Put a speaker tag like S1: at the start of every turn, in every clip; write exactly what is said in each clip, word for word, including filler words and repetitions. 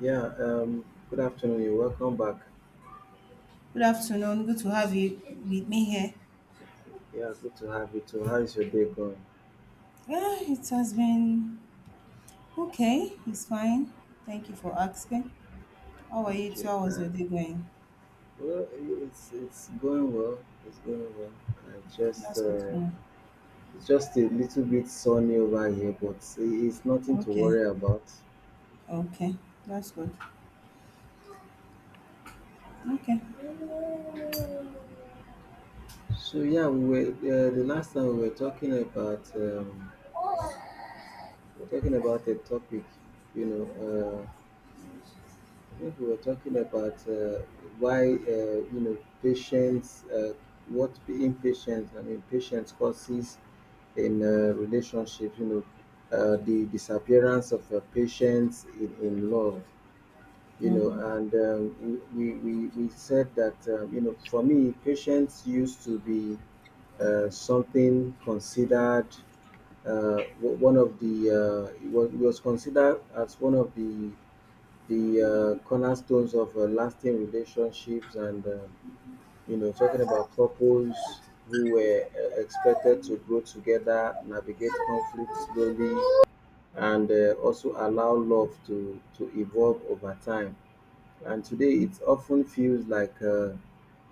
S1: Yeah, um, Good afternoon. You're welcome back.
S2: Good afternoon. Good to have you with me here.
S1: Yeah, good to have you too. How is your day going?
S2: Yeah, it has been okay. It's fine. Thank you for asking. How are you too?
S1: Okay.
S2: How was
S1: Uh,
S2: your day going?
S1: well, it's it's going well. It's going well. I just
S2: That's good to
S1: uh,
S2: know.
S1: It's just a little bit sunny over here, but it's nothing to
S2: Okay.
S1: worry about.
S2: Okay. That's good. Okay.
S1: So yeah, we were uh, the last time we were talking about um, we were talking about a topic, you know, uh, I think we were talking about uh, why uh, you know patience, uh, what being patient, I mean patience causes in uh, relationships. You know, uh, the disappearance of uh, patience in, in love. You know, and um, we, we we said that um, you know for me patience used to be uh, something considered uh, o- one of the uh, it was, it was considered as one of the the uh, cornerstones of uh, lasting relationships and uh, you know talking about couples who were uh, expected to grow together, navigate conflict slowly and uh, also allow love to to evolve over time, and today it often feels like uh,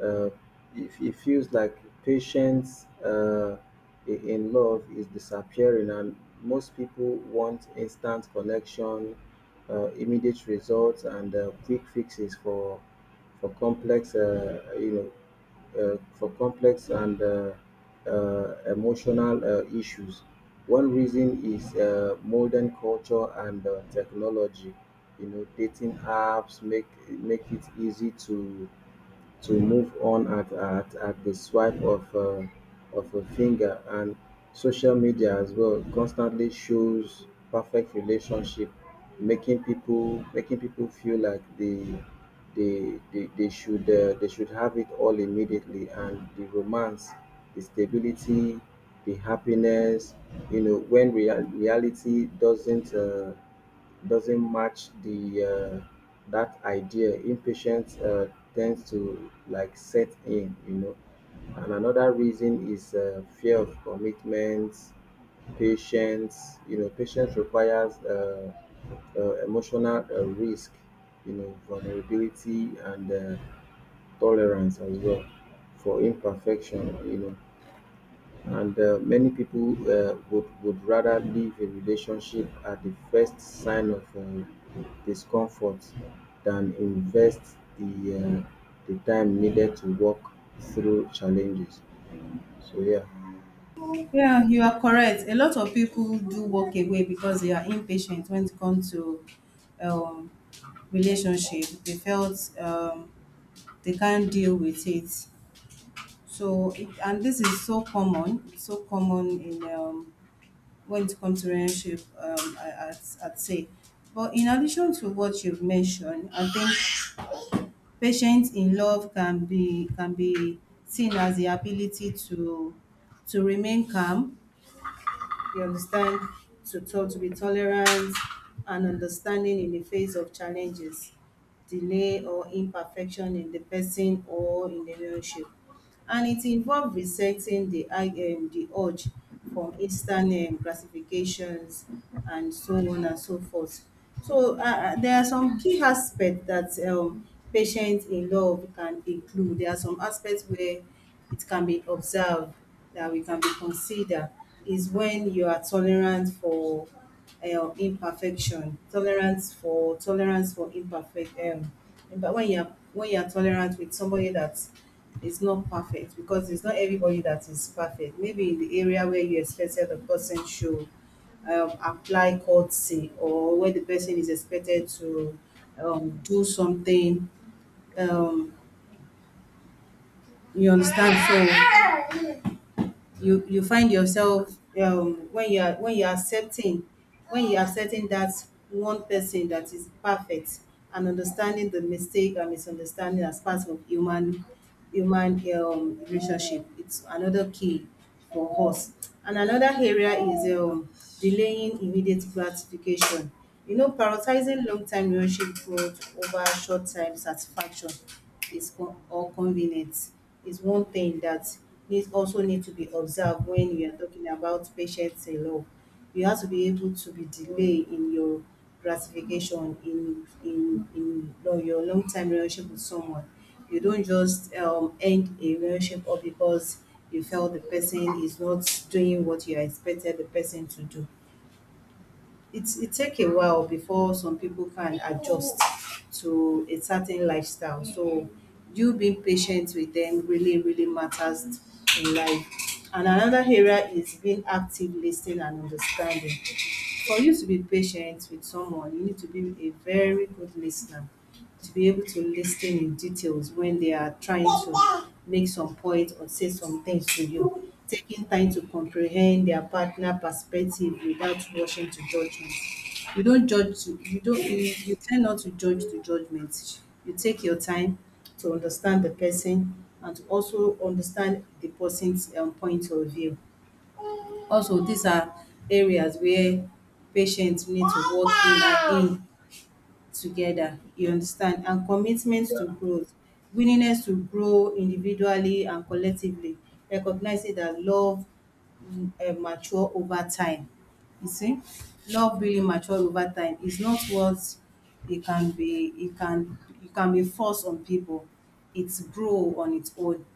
S1: uh, it, it feels like patience uh, i- in love is disappearing, and most people want instant connection, uh, immediate results, and uh, quick fixes for for complex uh, you know uh, for complex and uh, uh, emotional uh, issues. One reason is uh, modern culture and uh, technology. You know, dating apps make make it easy to to move on at at, at the swipe of uh, of a finger, and social media as well constantly shows perfect relationship, making people making people feel like they they they, they should uh, they should have it all immediately: and the romance, the stability, the happiness. You know, when rea- reality doesn't uh, doesn't match the uh, that idea, impatience uh, tends to like set in, you know. And another reason is uh, fear of commitments, patience. You know, patience requires uh, uh, emotional uh, risk, you know, vulnerability, and uh, tolerance as well for imperfection, you know. And uh, many people uh, would would rather leave a relationship at the first sign of uh, discomfort than invest the uh, the time needed to work through challenges. So yeah.
S2: Yeah, you are correct. A lot of people do walk away because they are impatient when it comes to um, relationship. They felt um, they can't deal with it. So it, and this is so common, it's so common in um, when it comes to relationship, um, I, I'd, I'd say. But in addition to what you've mentioned, I think patience in love can be can be seen as the ability to to remain calm. You understand, to talk, to be tolerant and understanding in the face of challenges, delay or imperfection in the person or in the relationship, and it involves resetting the i- um, the urge for instant um, gratifications and so on and so forth. So uh, uh, there are some key aspects that um, patients in love can include. There are some aspects where it can be observed that we can be considered is when you are tolerant for um, imperfection, tolerance for tolerance for imperfect um, but when you're when you're tolerant with somebody that it's not perfect, because it's not everybody that is perfect. Maybe in the area where you expected the person should um, apply courtesy, or where the person is expected to um, do something. Um, you understand? So you you find yourself um, when you are when you are accepting when you are accepting that one person that is perfect, and understanding the mistake and misunderstanding as part of human human um, relationship. It's another key for us. And another area is um, delaying immediate gratification. You know, prioritizing long-term relationship growth over short-term satisfaction is con- or convenience is one thing that needs also need to be observed when we are talking about patience in love. You have to be able to be delay in your gratification in in in you know, your long-term relationship with someone. You don't just um, end a relationship or because you felt the person is not doing what you expected the person to do. It it take a while before some people can adjust to a certain lifestyle. So you being patient with them really, really matters in life. And another area is being active, listening and understanding. For you to be patient with someone, you need to be a very good listener, to be able to listen in details when they are trying to make some point or say some things to you. Taking time to comprehend their partner perspective without rushing to judgment. You don't judge to you don't you, you tend not to judge to judgment. You take your time to understand the person and to also understand the person's um, point of view. Also, these are areas where patients need to work in, and in together, you understand, and commitment to growth. Willingness to grow individually and collectively, recognizing that love um mature over time. You see, love really matured over time. It's not what it can be. It can it can be forced on people. It's grow on its own.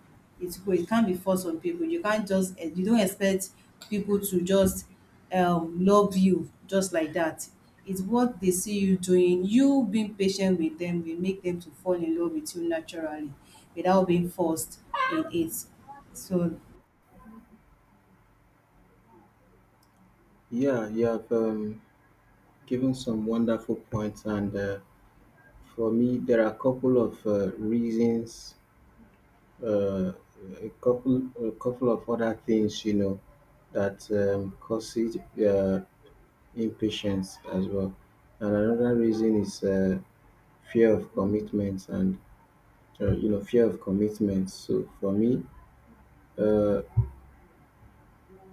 S2: It's grow. It can't be forced on people. You can't just eh, you don't expect people to just um, love you just like that. It's what they see you doing. You being patient with them will make them to fall in love with you naturally, without being forced in it. So
S1: Yeah, you have um, given some wonderful points, and uh, for me, there are a couple of uh, reasons, uh, a couple, a couple of other things, you know, that um, causes uh, impatience as well. And another reason is uh, fear of commitments and uh, you know fear of commitments. So for me, uh,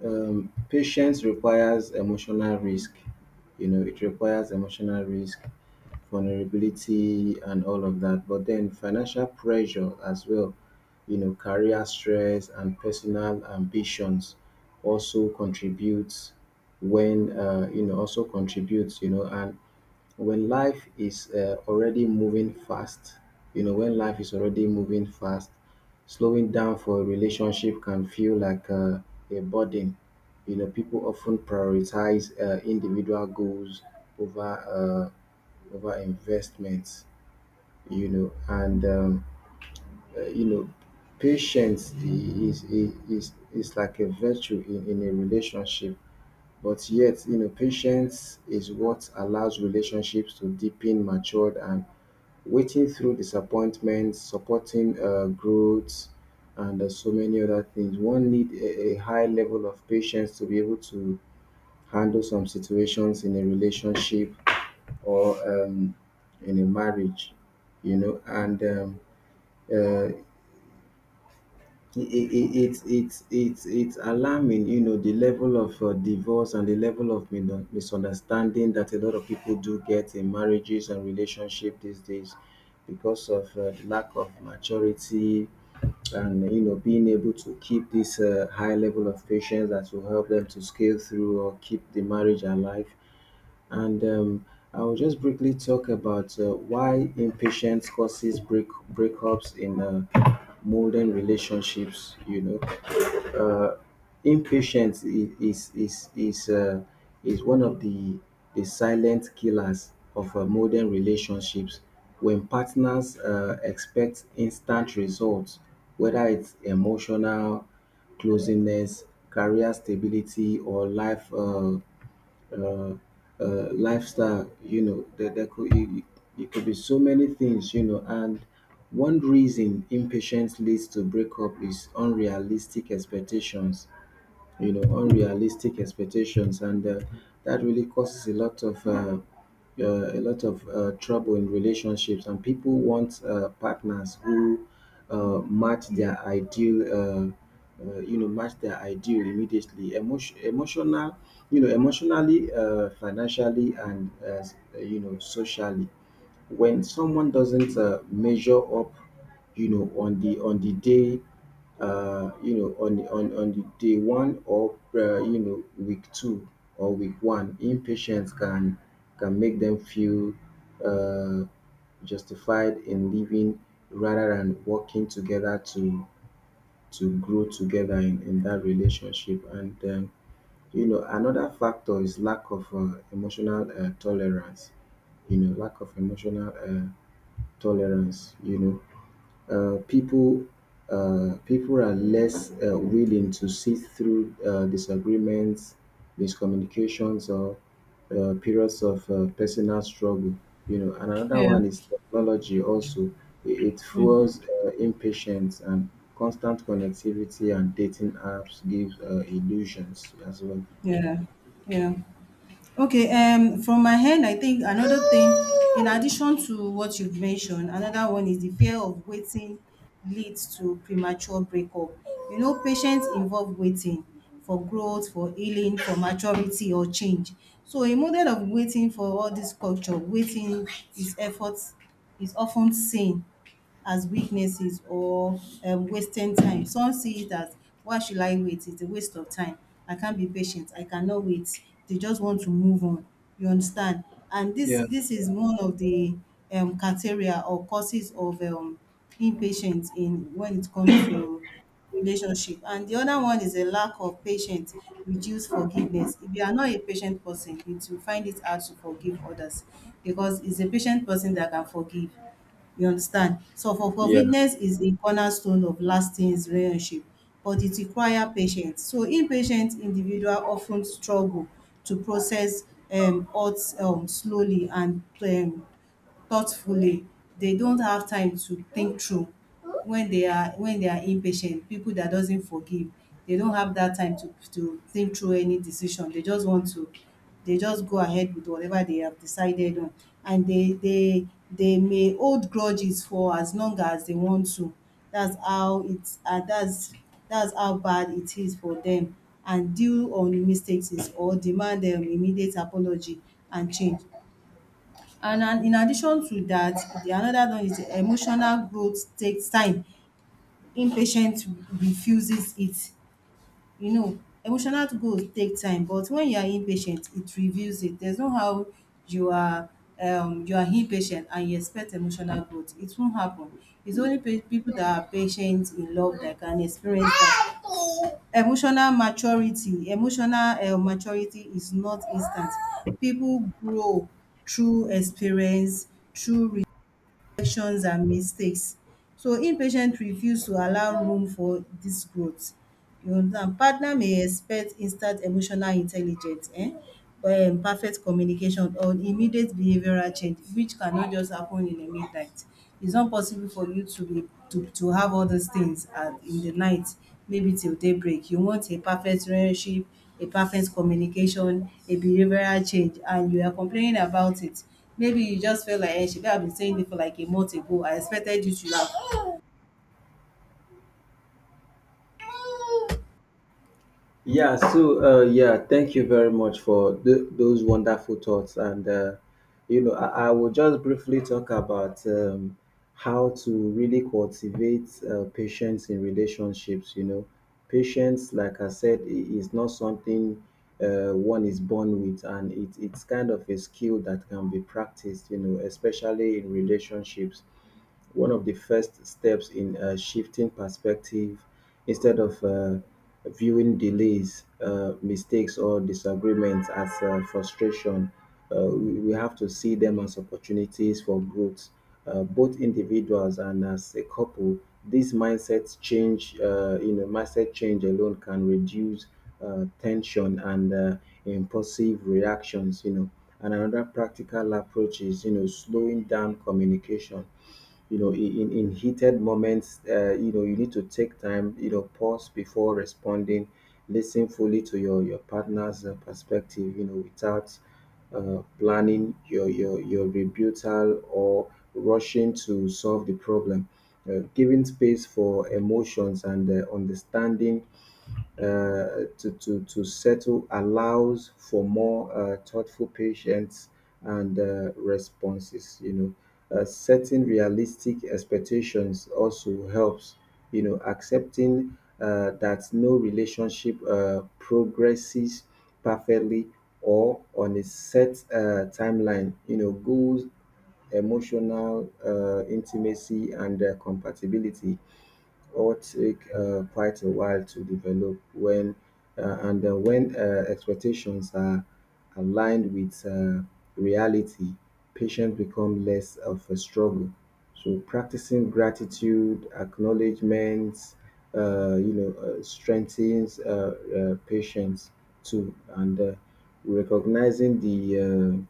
S1: um, patience requires emotional risk. You know, it requires emotional risk, vulnerability, and all of that. But then financial pressure as well. You know, career stress and personal ambitions also contributes when uh, you know also contributes. You know, and when life is uh, already moving fast, you know, when life is already moving fast, slowing down for a relationship can feel like uh, a burden. You know, people often prioritize uh, individual goals over uh, over investments. You know, and um, uh, you know, patience i- is i- is is like a virtue in, in a relationship. But yet, you know, patience is what allows relationships to deepen, matured, and waiting through disappointment, supporting uh, growth, and uh, so many other things. One need a, a high level of patience to be able to handle some situations in a relationship or um, in a marriage, you know, and um, uh, it, it, it, it, it's it's it's alarming, you know, the level of uh, divorce and the level of min- misunderstanding that a lot of people do get in marriages and relationship these days because of uh, the lack of maturity and, you know, being able to keep this uh, high level of patience that will help them to scale through or keep the marriage alive. And um, I will just briefly talk about uh, why impatience causes break breakups in uh, modern relationships. You know, uh, impatience i- is is is uh, is one of the the silent killers of uh, modern relationships. When partners uh, expect instant results, whether it's emotional closeness, career stability, or life. Uh, uh, uh, lifestyle. You know, there, there could it, it it could be so many things. You know, and one reason impatience leads to breakup is unrealistic expectations, you know, unrealistic expectations, and uh, that really causes a lot of uh, uh, a lot of uh, trouble in relationships. And people want uh, partners who uh, match their ideal, uh, uh, you know, match their ideal immediately. Emotion, emotional, you know, emotionally, uh, financially, and uh, s- uh, you know, socially. When someone doesn't uh, measure up, you know, on the on the day, uh you know, on the on, on the day one, or uh, you know, week two or week one, impatience can can make them feel uh justified in living rather than working together to to grow together in, in that relationship. And um, you know, another factor is lack of uh, emotional uh, tolerance, you know, lack of emotional uh, tolerance, you know, uh, people uh, people are less uh, willing to see through uh, disagreements, miscommunications, or uh, periods of uh, personal struggle, you know. And another
S2: yeah,
S1: one is technology also it, it fuels uh, impatience, and constant connectivity and dating apps give uh, illusions as well.
S2: yeah, yeah. Okay, um, from my hand, I think another thing, in addition to what you've mentioned, another one is the fear of waiting leads to premature breakup. You know, patients involve waiting for growth, for healing, for maturity or change. So a model of waiting for all this culture, waiting is efforts is often seen as weaknesses or um, wasting time. Some see it as why should I wait? It's a waste of time. I can't be patient. I cannot wait. They just want to move on. You understand? And this
S1: Yeah.
S2: this is one of the um, criteria or causes of um, impatience in when it comes to relationship. And the other one is a lack of patience, reduce forgiveness. If you are not a patient person, it will find it hard to forgive others because it's a patient person that can forgive. You understand. So for
S1: Yeah.
S2: forgiveness is the cornerstone of lasting relationship, but it require patience. So impatient individual of ten struggle to process um hurt um slowly and um thoughtfully. They don't have time to think through when they are when they are impatient. People that doesn't forgive, they don't have that time to to think through any decision. They just want to they just go ahead with whatever they have decided on, and they they they may hold grudges for as long as they want to. that's how it's uh, that's that's how bad it is for them, and deal on mistakes is- or demand um, immediate apology and change. And and in addition to that, the another one is emotional growth takes time. Impatient refuses it. You know, emotional growth take time, but when you are impatient it reveals it. There's no how you are um you are impatient and you expect emotional growth. It won't happen. It's only pa people that are patient in love that can experience that. Emotional maturity emotional um maturity is not instant. People grow through experience, through imperfections and mistakes. So impatient refuse to allow room for dis growth. You understand? Partner may expect instant emotional intelligence, um um perfect communication, or immediate behavioural change, which cannot just happen in a midnight. It's not possible for you to be to to have all those things at in the night, maybe till daybreak. You want a perfect relationship, a perfect communication, a behavioural change, and you are complaining about it. Maybe you just felt like, eh, shebi I've been saying it for like a month ago. I expected you to have.
S1: Yeah, so uh, yeah, thank you very much for th- those wonderful thoughts. And, uh, you know, I, I will just briefly talk about um, how to really cultivate uh, patience in relationships. You know, patience, like I said, i- is not something uh, one is born with, and it, it's kind of a skill that can be practiced, you know, especially in relationships. One of the first steps in uh, shifting perspective: instead of uh, viewing delays, uh, mistakes, or disagreements as uh, frustration, Uh, we we have to see them as opportunities for growth, uh, both individuals and as a couple. This mindset change, uh, you know, mindset change alone can reduce uh, tension and uh, impulsive reactions. You know, and another practical approach is, you know, slowing down communication, you know, in, in in heated moments, uh, you know, you need to take time, you know, pause before responding, listen fully to your your partner's uh, perspective, you know, without uh, planning your your your rebuttal or rushing to solve the problem, uh, giving space for emotions and uh, understanding uh, to, to, to settle allows for more uh, thoughtful patience and uh, responses, you know. Uh, setting realistic expectations also helps, you know, accepting uh, that no relationship uh, progresses perfectly or on a set uh, timeline. You know, goals, emotional uh, intimacy, and uh, compatibility or take uh, quite a while to develop. When uh, and uh, when uh, expectations are aligned with uh, reality, patients become less of a struggle. So practicing gratitude acknowledgments, uh, you know uh, strengthens uh, uh, patience too, and uh, recognizing the uh,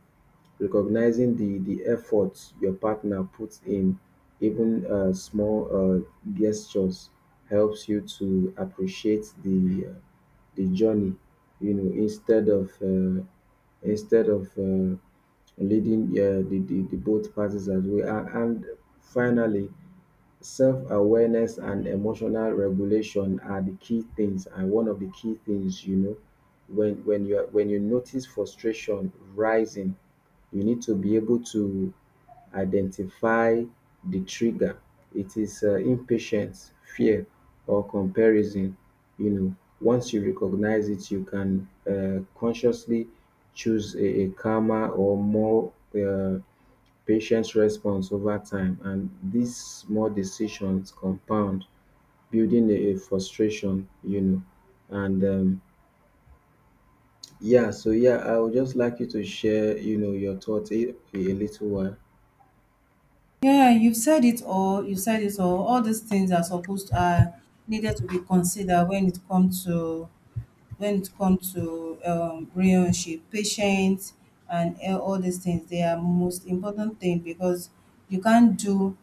S1: recognizing the the effort your partner puts in, even uh, small uh, gestures, helps you to appreciate the uh, the journey. You know, instead of uh, instead of uh, leading uh, the, the the both parties as well, and, and finally, self awareness and emotional regulation are the key things, and one of the key things, you know, when when you are, when you notice frustration rising, you need to be able to identify the trigger. It is uh, impatience, fear, or comparison? You know, once you recognize it, you can uh, consciously choose a, a calmer or more uh, patient response over time. And these small decisions compound, building a, a frustration, you know. And um, yeah, so yeah, I would just like you to share, you know, your thoughts a, a little while.
S2: Yeah, you've said it all. You said it all. All these things are supposed are needed to be considered when it comes to when it comes to um, relationship, patience, and uh, all these things. They are most important thing, because you can't do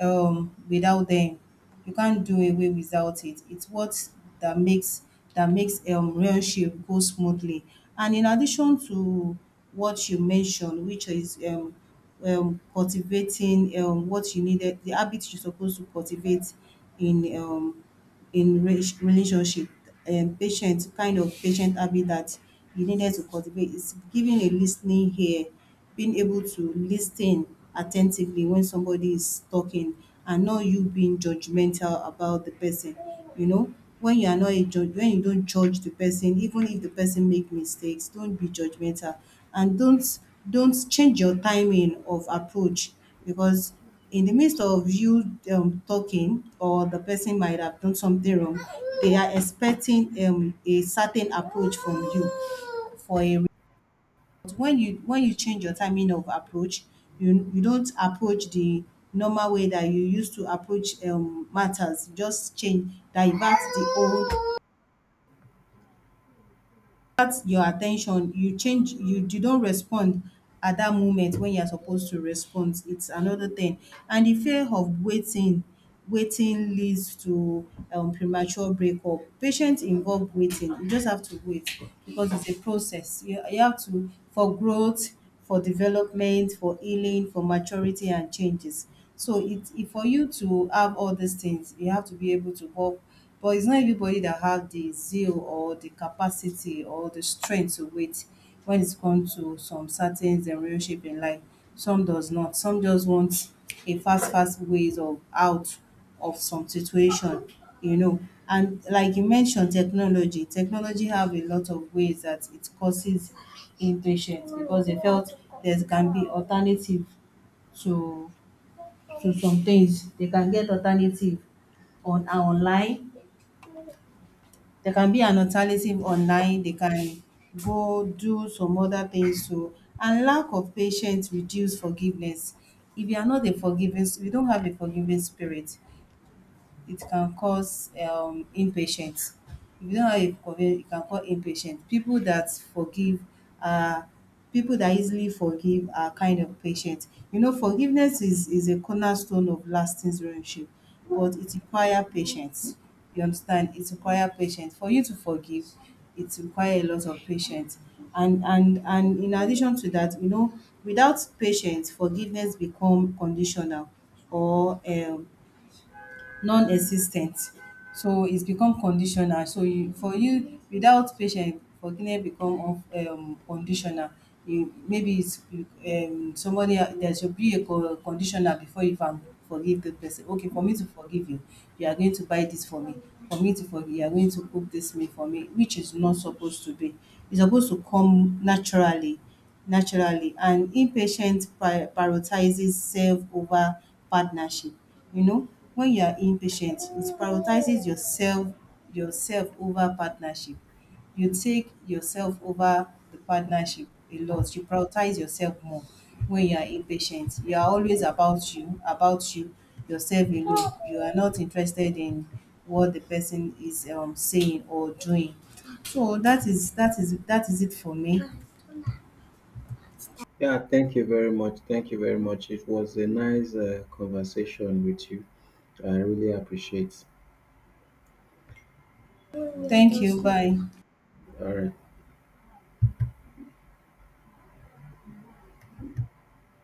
S2: um, without them. You can't do away without it. It's what that makes that makes um, relationship go smoothly. And in addition to what you mentioned, which is um, um, cultivating um, what you needed, the habits you're supposed to cultivate in um, in re- relationship, um, patient kind of patient habit that you needed to cultivate is giving a listening ear, being able to listen attentively when somebody is talking, and not you being judgmental about the person. You know, when you are not a judge, when you don't judge the person, even if the person make mistakes, don't be judgmental, and don't don't change your timing of approach. Because in the midst of you um, talking, or the person might have done something wrong, they are expecting um, a certain approach from you for a re- but when you when you change your timing of approach, you you don't approach the normal way that you used to approach um, matters. You just change divert the old. That's your attention. You change you you don't respond at that moment when you're supposed to respond. It's another thing. And the fear of waiting waiting leads to um premature breakup. Patients involve waiting. You just have to wait, because it's a process. You you have to for growth, for development, for healing, for maturity and changes. So it it for you to have all these things, you have to be able to work, but it's not everybody that have the zeal or the capacity or the strength to wait when it comes to some certain um relationship in life. Some does not. Some just want a fast, fast ways of out of some situation, you know. And like you mentioned, technology. Technology have a lot of ways that it causes impatience, because they felt there can be alternative to to some things. They can get alternative on uh, online, they can be an alternative online, they can go do some other things too. And lack of patience reduce forgiveness. If you are not a forgiving, if you don't have a forgiving spirit, it can cause um impatience. If you don't have a conven it can cause impatience. People that forgive are people that easily forgive are kind of patient. You know, forgiveness is is a cornerstone of lasting relationship, but it require patience. You understand? It require patience. For you to forgive, it require a lot of patience. And and and in addition to that, you know, without patience, forgiveness become conditional or um non-existent. So it's become conditional. So you for you without patient, forgiveness become un um conditional. You maybe it's um somebody else there should be a con conditional before you can forgive the person. Okay, for me to forgive you, you are going to buy this for me. For me to forgive, you are going to cook this meal for me, which is not supposed to be. It's supposed to come naturally. Naturally, and impatient pri prioritizes self over partnership. You know, when you are impatient it prioritizes yourself, yourself over partnership. You take yourself over the partnership a lot. You prioritize yourself more. When you are impatient, you are always about you, about you, yourself alone. You are not interested in what the person is um, saying or doing. So that is that is that is it for me.
S1: Yeah, thank you very much. Thank you very much. It was a nice uh, conversation with you. I really appreciate.
S2: Thank you. Bye.
S1: All right.